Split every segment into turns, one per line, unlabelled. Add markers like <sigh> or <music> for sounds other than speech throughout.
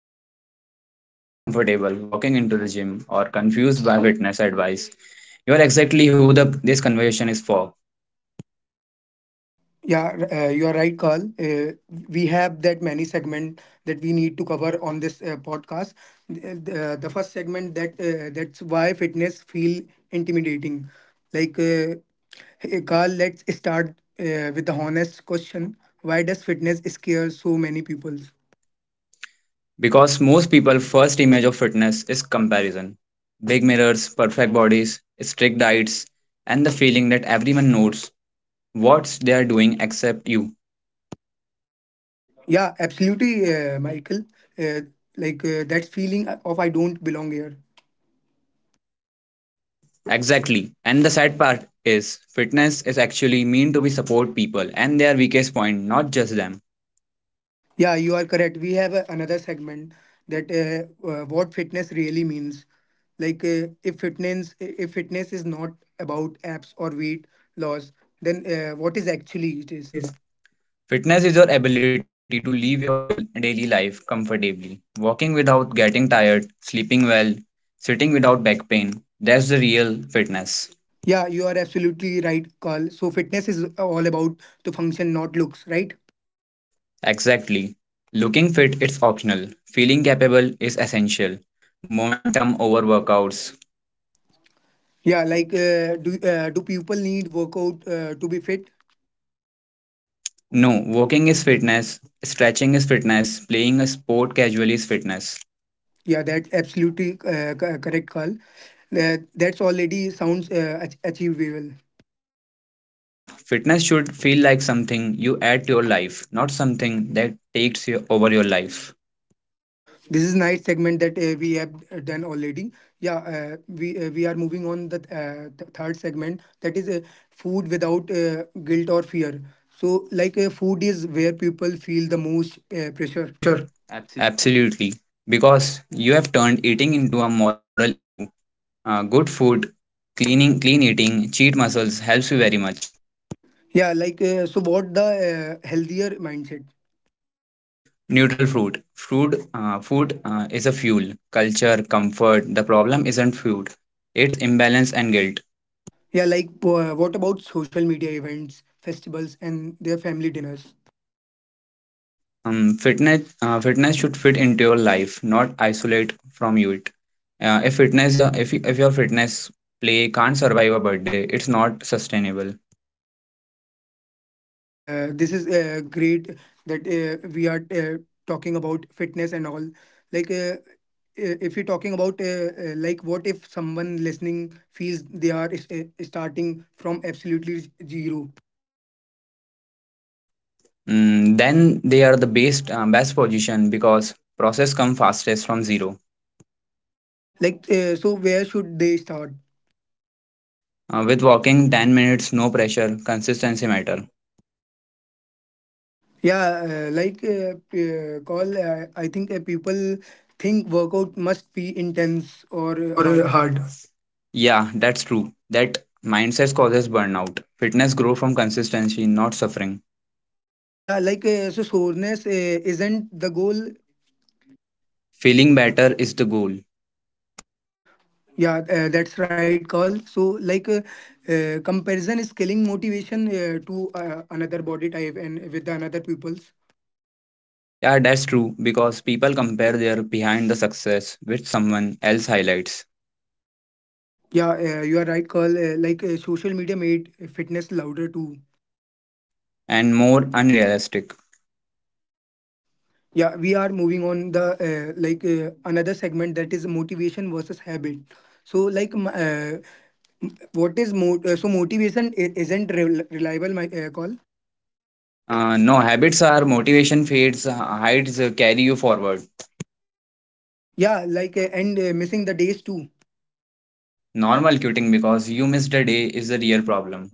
And if you are ever felt uncomfortable walking into the gym or confused by fitness advice, you are exactly who this conversation is for.
Yeah, you are right, Carl. We have that many segment that we need to cover on this podcast. The first segment that that's why fitness feel intimidating. Like uh, Hey, Carl, let's start with the honest question. Why does fitness scare so many people?
Because most people' first image of fitness is comparison. Big mirrors, perfect bodies, strict diets, and the feeling that everyone knows what they are doing except you.
Yeah, absolutely, Michael. Uh, that feeling of I don't belong here.
Exactly. And the sad part is fitness is actually meant to be support people and their weakest point, not just them.
Yeah, you are correct. We have another segment that what fitness really means. If fitness is not about apps or weight loss, then what is actually it is.
Fitness is your ability to live your daily life comfortably, walking without getting tired, sleeping well, sitting without back pain. That's the real fitness.
Yeah, you are absolutely right, Carl. So fitness is all about the function, not looks, right?
Exactly. Looking fit is optional, feeling capable is essential. Momentum over workouts.
Yeah, do do people need workout to be fit?
No, walking is fitness, stretching is fitness, playing a sport casually is fitness.
Yeah, that's absolutely correct, Carl. That's already sounds achievable.
Yeah, fitness should feel like something you add to your life, not something that takes you over your life.
This is night segment that we have done already. Yeah, we are moving on the third segment that is food without guilt or fear. So food is where people feel the most
Yeah,
pressure.
pressure.
Absolutely.
Absolutely, because you have turned eating into a moral issue. Good food, cleaning, clean eating, cheat muscles helps you very much.
So what the healthier mindset?
Neutral fruit, food is a fuel. Culture, comfort. The problem isn't food; it's imbalance and guilt.
What about social media events, festivals and their family dinners?
Fitness should fit into your life, not isolate from you it. If fitness, if your fitness play can't survive a birthday, it's not sustainable.
This is great that we are talking about fitness and all. Like, uh, if you're talking about, like, what if someone listening feels they are starting from absolutely zero?
Then they are the best best position because process come fastest from zero.
So where should they start?
With walking 10 minutes, no pressure, consistency matter.
Yeah, call, I think people think workout must be intense or
Or
hard.
hard? Yeah, that's true. That mindset causes burnout. Fitness grow from consistency, not suffering.
Yeah, so soreness isn't the goal.
Feeling better is the goal.
Yeah, that's right, Carl. So, comparison is killing motivation to another body type and with the another people's.
Yeah, that's true because people compare their behind the success with someone else highlights
Yeah, you are right, Carl. Social media made fitness louder too.
and more unrealistic.
Yeah, we are moving on the another segment that is motivation versus habit. So, so motivation isn't reliable, my call.
No, habits are motivation fades, hides carry you forward.
Yeah, and missing the days too.
Normal quitting because you missed a day is a real problem.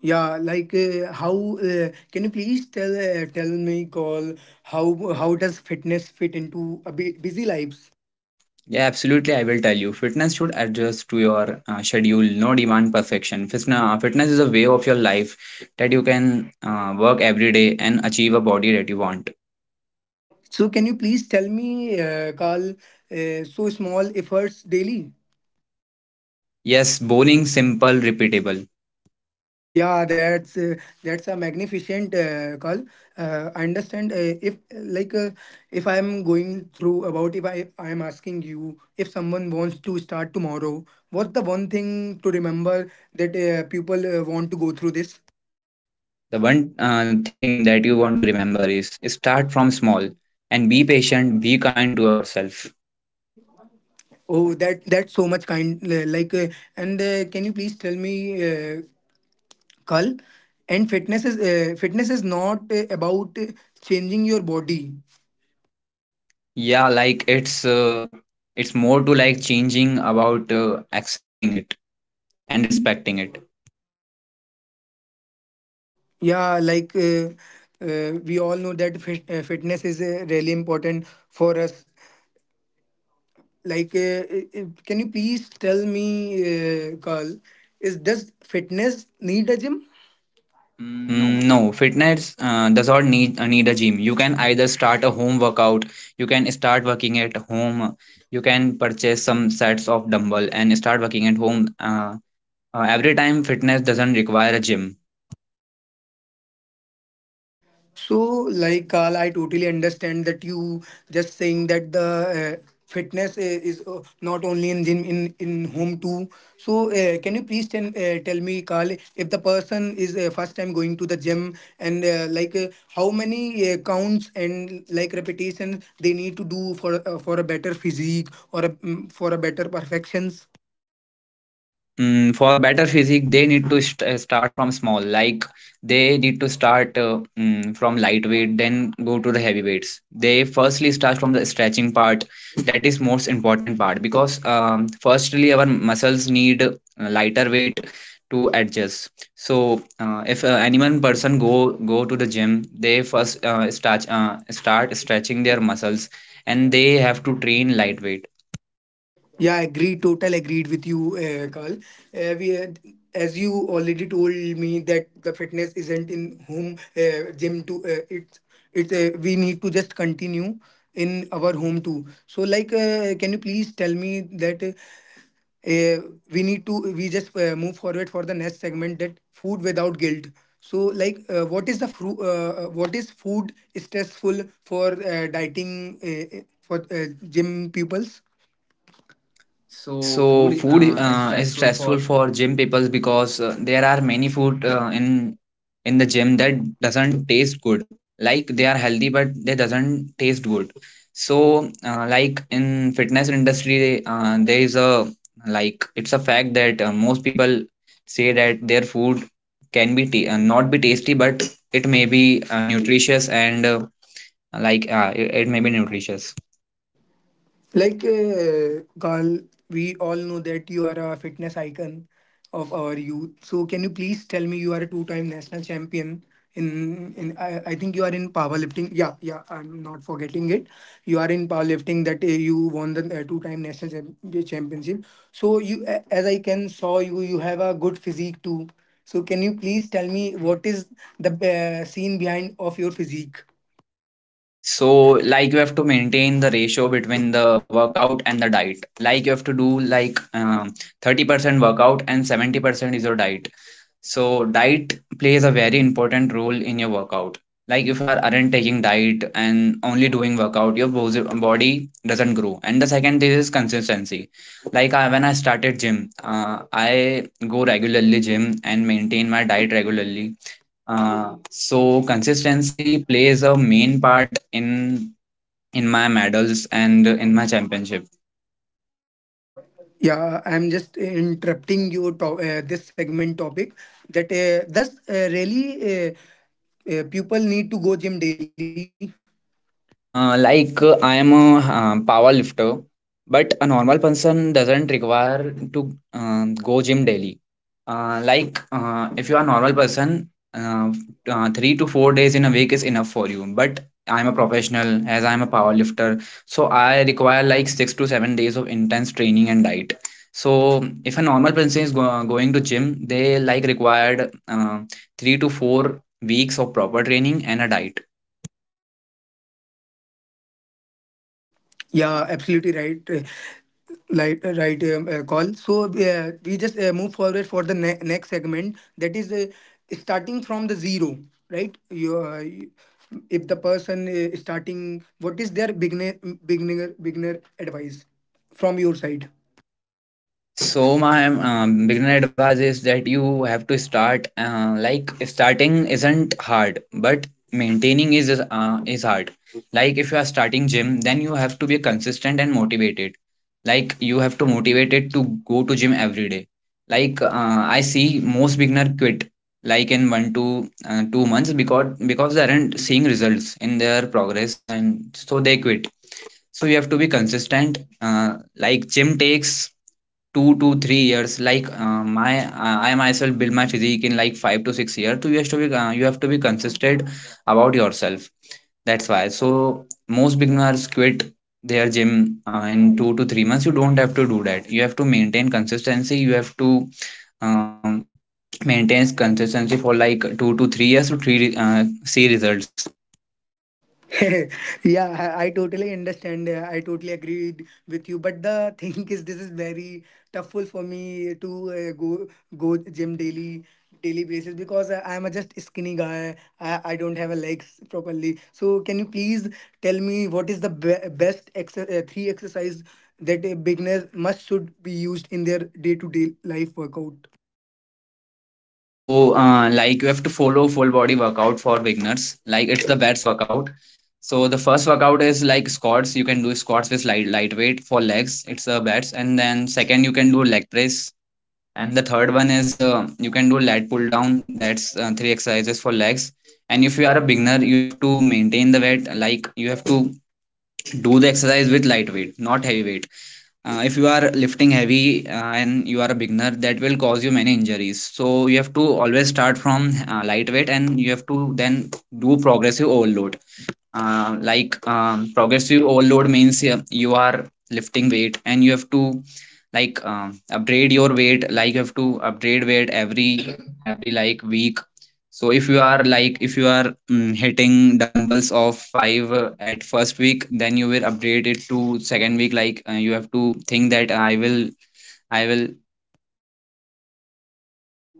Yeah, how can you please tell tell me, call, how does fitness fit into a busy lives?
Yeah, absolutely. I will tell you. Fitness should adjust to your schedule, no demand perfection. Fitness is a way of your life that you can work every day and achieve a body that you want.
So can you please tell me, Carl, so small efforts daily?
Yes, boring, simple, repeatable.
Yeah, that's a magnificent call. I understand if I'm going through about if I am asking you if someone wants to start tomorrow, what's the one thing to remember that people want to go through this?
The one thing that you want to remember is start from small and be patient, be kind to yourself.
Oh, that's so much kind. And can you please tell me, uh, Carl? And fitness is not about changing your body.
Yeah, like it's more to like changing about accepting it and respecting it.
Yeah, we all know that fitness is really important for us. Can you please tell me, Carl? Is does fitness need a gym? Mm, no.
No, fitness does not need need a gym. You can either start a home workout, you can start working at home, you can purchase some sets of dumbbell and start working at home. Every time fitness doesn't require a gym.
So, like Carl, I totally understand that you just saying that the fitness is not only in gym, in home too. So, can you please tell me, Carl, if the person is first time going to the gym and how many counts and like repetitions they need to do for a better physique or a, mm, for a better perfections?
For better physique, they need to start from small. Like they need to start from lightweight, then go to the heavyweights. They firstly start from the stretching part. That is most important part because firstly our muscles need lighter weight to adjust. So if any one person go to the gym, they first start stretching their muscles, and they have to train lightweight.
Yeah, agreed. Total agreed with you, Carl. We had, as you already told me, that the fitness isn't in home gym to it's we need to just continue in our home too. So, can you please tell me that uh, we need to we just move forward for the next segment, that food without guilt. So, what is food stressful for dieting for gym pupils? So
So
food
food
is
is
stressful for.
stressful for gym people because there are many food in the gym that doesn't taste good. Like they are healthy, but they doesn't taste good. So like in fitness industry, there is a like it's a fact that most people say that their food can be not be tasty, but it may be nutritious and it may be nutritious.
Carl, we all know that you are a fitness icon of our youth. So, can you please tell me, you are a two-time national champion in I think you are in powerlifting. Yeah, yeah, I'm not forgetting it. You are in powerlifting, that you won the two-time national championship. So, you as I can saw you, you have a good physique too. So, can you please tell me what is the scene behind of your physique?
So, like you have to maintain the ratio between the workout and the diet. Like you have to do like 30% workout and 70% is your diet. So, diet plays a very important role in your workout. Like if you are aren't taking diet and only doing workout, your body doesn't grow. And the second thing is consistency. When I started gym, I go regularly gym and maintain my diet regularly so consistency plays a main part in my medals and in my championship.
Yeah, I'm just interrupting your this segment topic that does really people need to go gym daily?
I am a power lifter, but a normal person doesn't require to go gym daily. If you are a normal person, 3 to 4 days in a week is enough for you. But I'm a professional, as I'm a power lifter, so I require like 6 to 7 days of intense training and diet. So if a normal person is going to gym, they like required 3 to 4 weeks of proper training and a diet.
Yeah, absolutely right, call. So we just move forward for the next segment, that is starting from the zero, right? If the person starting, what is their beginner advice from your side?
So my beginner advice is that you have to start. Like starting isn't hard, but maintaining is hard. Like if you are starting gym, then you have to be consistent and motivated. Like you have to motivate it to go to gym every day. Like I see most beginner quit like in one to 2 months because they aren't seeing results in their progress and so they quit. So you have to be consistent like gym takes 2 to 3 years. Like my I myself build my physique in like 5 to 6 years, so you have to be you have to be consistent about yourself. That's why so most beginners quit their gym in 2 to 3 months. You don't have to do that. You have to maintain consistency. You have to um, maintain consistency for like 2 to 3 years to three see results.
<laughs> Yeah, I totally understand, I totally agreed with you, but the <laughs> thing is this is very tough for me to go gym daily, daily basis, because I'm a just skinny guy, I don't have a legs properly. So can you please tell me what is the best three exercise that a beginner must should be used in their day to day life workout?
So, like you have to follow full body workout for beginners. Like it's the best workout. So the first workout is like squats. You can do squats with light lightweight for legs. It's the best. And then second, you can do leg press. And the third one is you can do lat pull down. That's three exercises for legs. And if you are a beginner, you have to maintain the weight. Like you have to do the exercise with light weight, not heavy weight. If you are lifting heavy and you are a beginner, that will cause you many injuries, so you have to always start from lightweight, and you have to then do progressive overload. Progressive overload means you are lifting weight and you have to upgrade your weight. Like you have to upgrade weight every like week. So if you are, like, if you are hitting dumbbells of 5 at first week, then you will upgrade it to second week. Like you have to think that I will.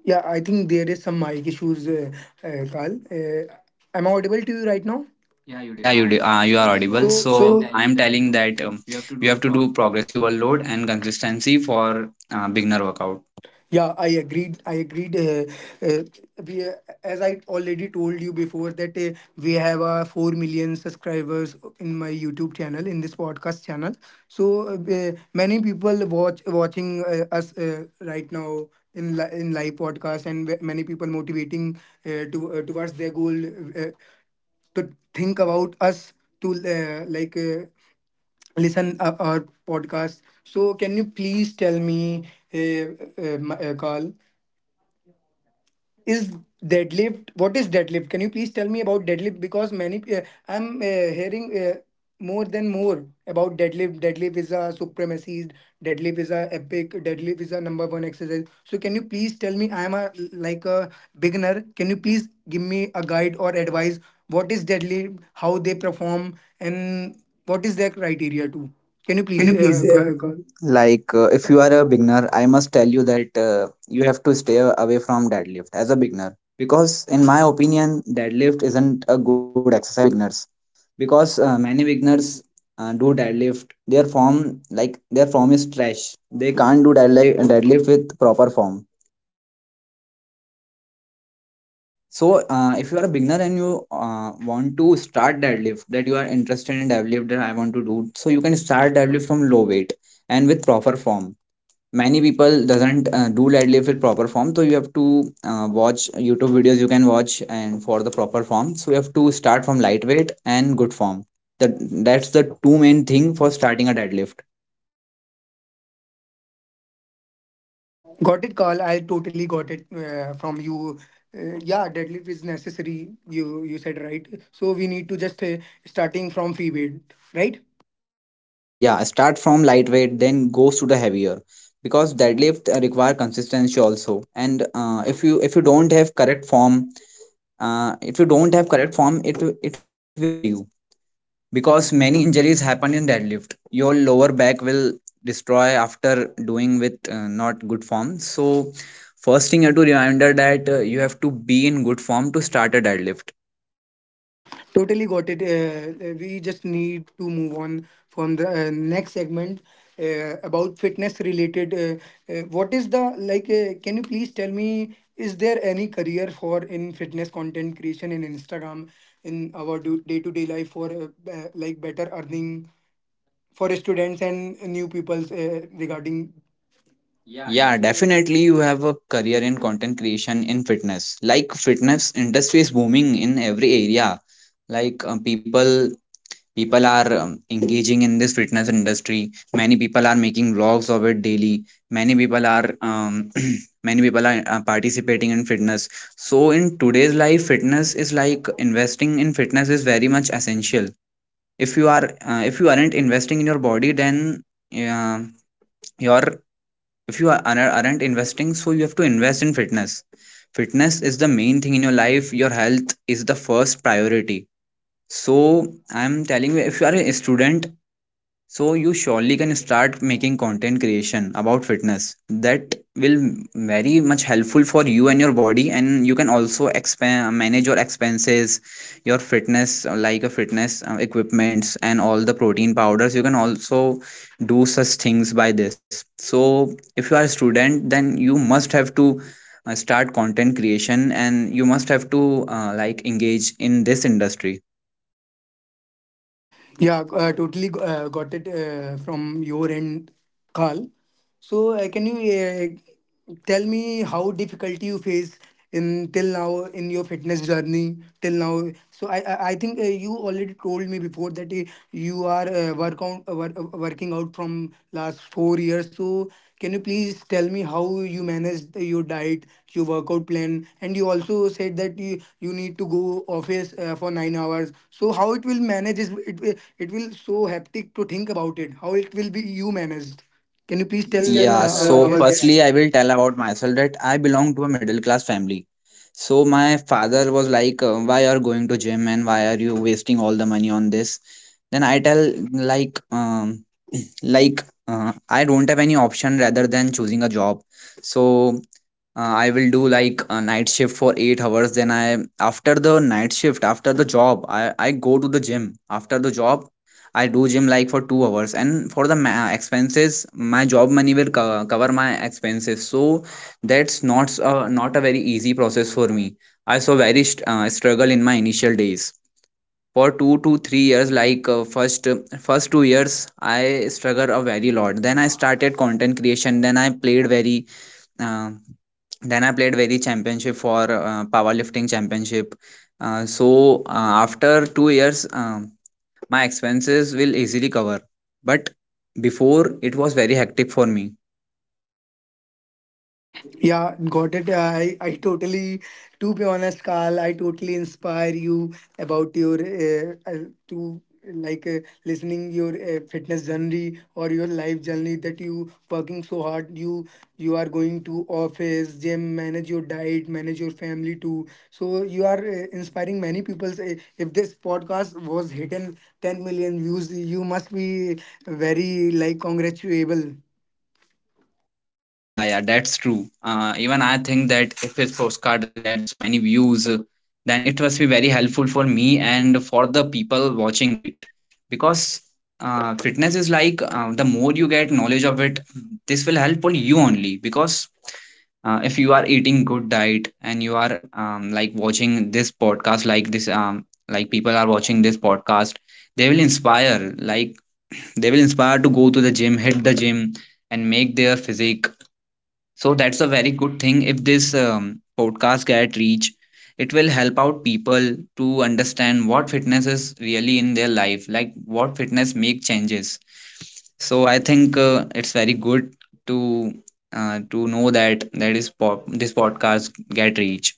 Yeah, I think there is some mic issues, Carl. Am I audible to you right now? Yeah, you do.
Yeah, you
You
do,
are
you are
audible.
audible.
So,
So
I am
I
telling
am
that
telling that
you have to
you
do
have to
proper.
do progressive overload and consistency for beginner workout.
Yeah, I agreed. I agreed. Uh, we, uh, as I already told you before, that we have 4 million subscribers in my YouTube channel, in this podcast channel. So many people watching us right now in live podcast, and many people motivating to towards their goal, uh, to think about us, to listen our podcast. So can you please tell me, uh, Carl? Is deadlift, what is deadlift? Can you please tell me about deadlift, because many I'm hearing more about deadlift? Deadlift is a supremacy, deadlift is a epic, deadlift is a number one exercise. So can you please tell me, I am a like a beginner, can you please give me a guide or advice? What is deadlift, how they perform, and what is their criteria too? Can you
Can
please,
you please
call?
go? Like, if you are a beginner, I must tell you that you have to stay away from deadlift as a beginner because, in my opinion, deadlift isn't a good exercise for beginners because many beginners do deadlift. Their form, like their form, is trash. They can't do deadlift with proper form. So, if you are a beginner and you want to start deadlift, that you are interested in deadlift, that I want to do, so you can start deadlift from low weight and with proper form. Many people doesn't do deadlift with proper form, so you have to watch YouTube videos. You can watch and for the proper form, so you have to start from lightweight and good form. That that's the two main thing for starting a deadlift.
Got it, Carl. I totally got it from you. Yeah, deadlift is necessary. You said right. So we need to just starting from free weight, right?
Yeah, start from lightweight then goes to the heavier, because deadlift require consistency also. And if you don't have correct form, if you don't have correct form, it will injure you, because many injuries happen in deadlift. Your lower back will destroy after doing with not good form. So first thing you have to remember that you have to be in good form to start a deadlift.
Totally got it. We just need to move on from the next segment about fitness related. What is the like? Can you please tell me, is there any career for in fitness content creation in Instagram in our day to day life for like better earning, for students and new peoples regarding? Yeah,
Yeah,
definitely.
definitely you have a career in content creation in fitness. Like fitness industry is booming in every area. Like people are engaging in this fitness industry. Many people are making vlogs of it daily. Many people are <clears throat> many people are participating in fitness. So in today's life, fitness is like investing in fitness is very much essential. If you are if you aren't investing in your body, then uh, your if you are, aren't investing, so you have to invest in fitness. Fitness is the main thing in your life. Your health is the first priority. So I'm telling you, if you are a student, so you surely can start making content creation about fitness. That will very much helpful for you and your body, and you can also expand manage your expenses, your fitness like a fitness Equipments and all the protein powders, you can also do such things by this. So if you are a student, then you must have to start content creation and you must have to like engage in this industry.
Yeah, totally got it from your end, carl. So, can you tell me how difficulty you face in till now in your fitness journey till now? So, I think you already told me before, that you are working out from last 4 years. So, can you please tell me how you manage your diet, your workout plan, and you also said that you need to go office for 9 hours. So, how it will manage? It will so hectic to think about it. How it will be you managed? Can you
Can
please
you please
tell
tell Yeah,
our
so our guest?
guest?
Firstly, I will tell about myself that I belong to a middle class family. So my father was like, "Why are going to gym and why are you wasting all the money on this?" Then I tell, like um <clears throat> like uh, I don't have any option rather than choosing a job. So I will do like a night shift for 8 hours, then I, after the night shift, after the job, I go to the gym. After the job, I do gym like for 2 hours, and for the expenses, my job money will cover my expenses. So that's not a very easy process for me. I saw very struggle in my initial days for 2 to 3 years. Like first 2 years I struggled a very lot. Then I started content creation, then I played very uh, championship for powerlifting championship. uh, so After 2 years, my expenses will easily cover, but before it was very hectic for me.
Yeah, got it. I totally, to be honest, Carl, I totally inspire you about your to like listening your fitness journey or your life journey, that you working so hard. You are going to office, gym, manage your diet, manage your family too. So you are inspiring many people. If this podcast was hitting 10 million views, you must be very like congratulable.
Yeah, yeah, that's true. Even I think that if his postcard gets many views, then it must be very helpful for me and for the people watching it. Because fitness is like, the more you get knowledge of it, this will help for you only. Because if you are eating good diet and you are, like, watching this podcast, like this, like people are watching this podcast, they will inspire. Like <clears throat> they will inspire to go to the gym, hit the gym, and make their physique. So that's a very good thing. If this podcast get reach, it will help out people to understand what fitness is really in their life, like what fitness make changes. So I think it's very good to to know that this podcast get reach.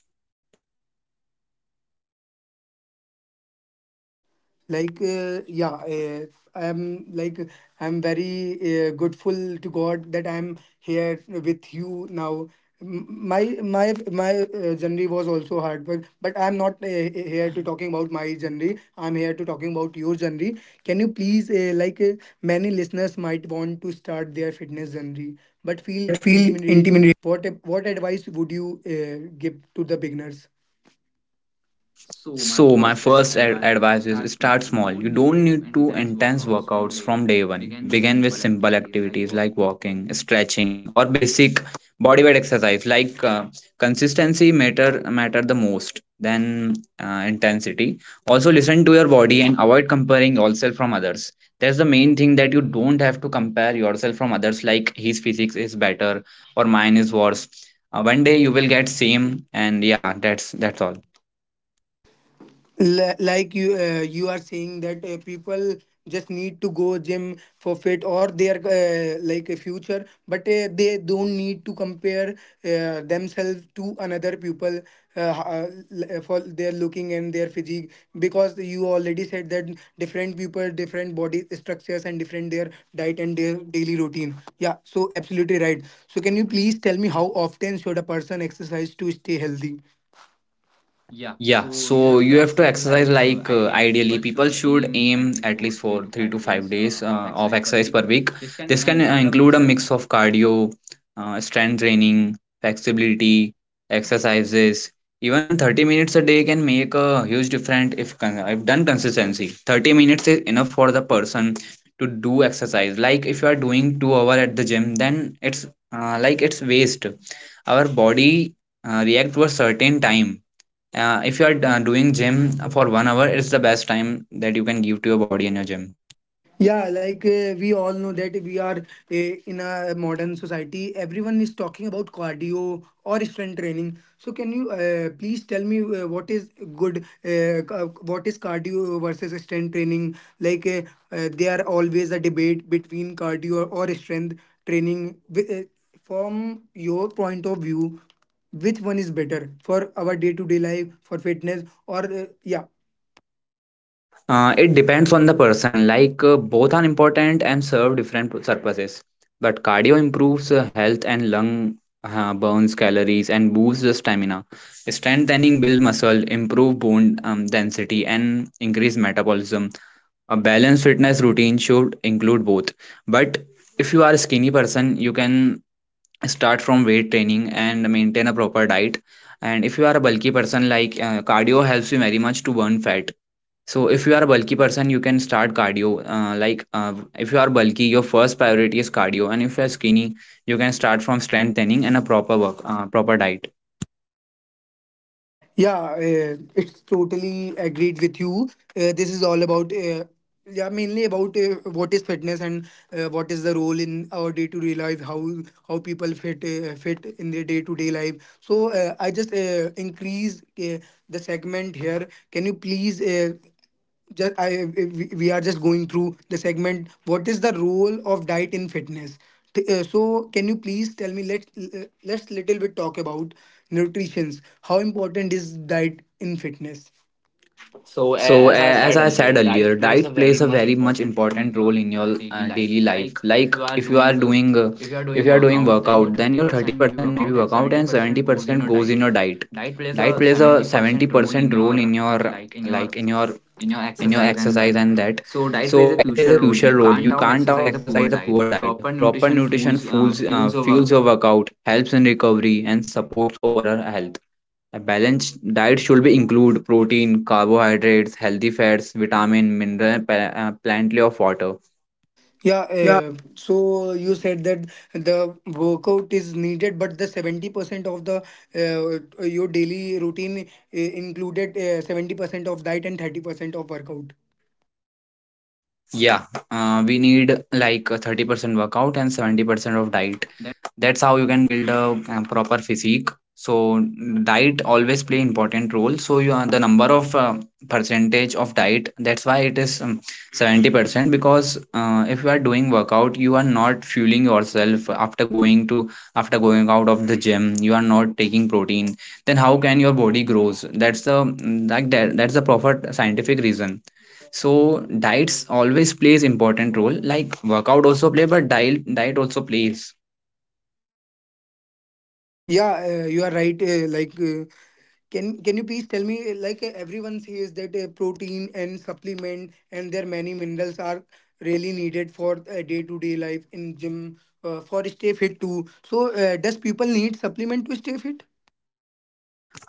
like uh, yeah uh, I'm like, I'm very grateful to God that I'm here with you now. M- my journey was also hard, but I'm not here to talking about my journey. I'm here to talking about your journey. Can you please many listeners might want to start their fitness journey but
But
feel
feel
intimidated.
intimidated.
What advice would you give to the beginners? so my
So my
first ad-
first
advice is
advice
start
is
small.
start
You
small. You
don't need
don't
to
need to
intense
intense
workouts from
workouts
day
from
one.
day one.
Begin with
Begin with
simple
simple
activities like
activities
walking.
like walking, stretching, or basic body weight exercise. Like consistency matter the most than intensity. Also listen to your body and avoid comparing yourself from others. That's the main thing, that you don't have to compare yourself from others. Like his physics is better or mine is worse. One day you will get same, and yeah, that's all.
Like, you you are saying that people just need to go gym for fit or their like a future, but they don't need to compare themselves to another people, for their looking and their physique, because you already said that different people, different body structures, and different their diet and their daily routine. Yeah, so absolutely right. So can you please tell me, how often should a person exercise to stay healthy? Yeah,
Yeah,
so you
so
have
you
to
have to
exercise
exercise,
like
like,
ideally
ideally
people
people
should
should
aim
aim
at least
at
for
least
three
for
to
three to
five
five
days
days
of
of
exercise per
exercise
week.
per week.
This can
This can
include a
include a
mix of.
mix of cardio, strength training, flexibility exercises. Even 30 minutes a day can make a huge difference if if done consistency. 30 minutes is enough for the person to do exercise. Like if you are doing 2 hour at the gym, then it's, like, it's waste. Our body react to a certain time. If you are doing gym for 1 hour, it's the best time that you can give to your body and your gym.
Yeah, like we all know that we are in a modern society. Everyone is talking about cardio or strength training. So can you please tell me, what is good, what is cardio versus strength training? Like, there are always a debate between cardio or strength training. Wi- Uh, from your point of view, which one is better for our day to day life, for fitness, or yeah?
It depends on the person. Like both are important and serve different purposes, but cardio improves health and lung, burns calories and boosts the stamina. Strengthening build muscle, improve bone density and increase metabolism. A balanced fitness routine should include both, but if you are a skinny person, you can start from weight training and maintain a proper diet. And if you are a bulky person, like cardio helps you very much to burn fat. So if you are a bulky person, you can start cardio, if you are bulky, your first priority is cardio, and if you are skinny, you can start from strength training and a proper work proper diet.
Yeah, it's totally agreed with you. This is all about, yeah, mainly about what is fitness and what is the role in our day to day life, how people fit fit in their day to day life. So I just increase the segment here. Can you please just I we are just going through the segment. What is the role of diet in fitness? So can you please tell me, let's let's little bit talk about nutrition. How important is diet in fitness? So,
So
as I
as
said
I said
earlier,
earlier,
diet plays
diet
a very
plays a
much
very much
important role in
important
your
role in your
daily life.
daily life.
Like if
Like
you are
if you are
doing
doing if you are doing
workout, then your
workout, then your
30% maybe
30% maybe
workout and
workout and
70% goes in
70%
your
goes in
diet.
your diet.
Diet plays
Diet
a
plays a
70% role in
70% role
your
in your,
like
like in your,
in your
in your
exercise and
exercise
that.
and that.
So diet
So
plays a
diet plays
crucial
a
role.
crucial
You
role.
can't
You
out
can't out
exercise a poor
exercise a
diet.
poor diet.
Proper
Proper
nutrition
nutrition
fuels
fuels
fuels your work.
fuels your workout, helps in recovery, and supports overall health. A balanced diet should be include protein, carbohydrates, healthy fats, vitamin, mineral, plenty of water.
Yeah,
Yeah,
so you said that the workout is needed, but the 70% of the your daily routine included 70% of diet and 30% of workout.
Yeah, we need like a 30% workout and 70% of diet. That's how you can build a, proper physique. So diet always play important role. So you are the number of, percentage of diet. That's why it is, 70%, because if you are doing workout, you are not fueling yourself after going to, after going out of the gym. You are not taking protein. Then how can your body grows? That's the like that. That's the proper scientific reason. So diets always plays important role. Like workout also play, but diet also plays.
Yeah, you are right. Can you please tell me? Everyone says that protein and supplement and their many minerals are really needed for day-to-day life in gym for stay fit too. So, does people need supplement to stay fit?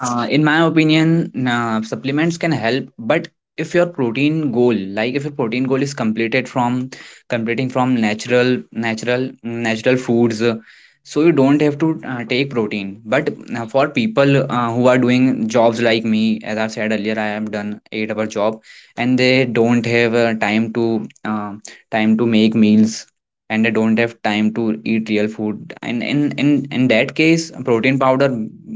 In my opinion, supplements can help, but if your protein goal, like if your protein goal is completed from completing from natural foods, so you don't have to take protein. But for people who are doing jobs like me, as I said earlier, I have done 8 hour job, and they don't have time to time to make meals, and they don't have time to eat real food, and in that case protein powder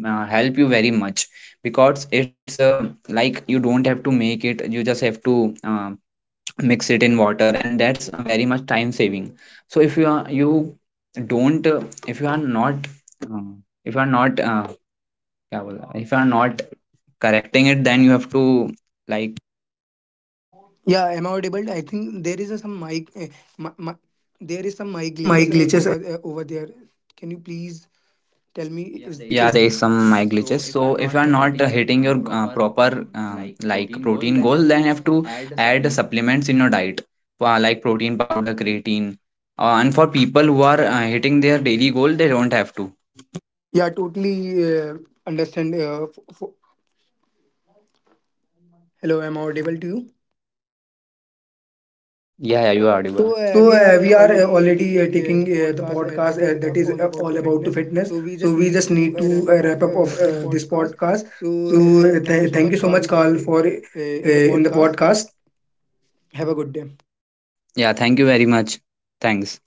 help you very much, because it's, like, you don't have to make it, you just have to mix it in water, and that's very much time saving. So if you are, you don't if you are not uh, if you are not क्या बोला? If you are not correcting it, then you have to, like,
Yeah, am I audible? I think there is a, some mic. Mi mi- there is some
there is
mic
some
glitches
mic
uh,
glitches
over uh, over there. Can you please tell me? Yeah, is
me
there
it
is
Yeah, is
some
there is
mic
some mic
glitches. So
glitches.
if you
So
are
if you
not
are not
hitting your
hitting your
proper
proper,
like
like
protein goal,
protein
then you
goal,
have
then you
to
have to
add a
add
supplement.
supplements in your diet, like protein powder, creatine. And for people who are hitting their daily goal, they don't have to.
Yeah, totally uh, understand. F f Hello, am I audible to you?
Yeah, yeah, you are audible.
So
So
we are
we are
already
already
taking
taking
the
the
podcast
podcast
that is
that is
all about to
all about to
fitness.
fitness.
So we just
So we
need
just
to
need to
wrap up of
wrap up of
this
this
podcast.
podcast.
So
So
thank you so
thank
much,
you so
Carl,
much,
for
Carl, for
in the
in the
podcast.
podcast.
Have a good day.
Yeah, thank you very much. Thanks.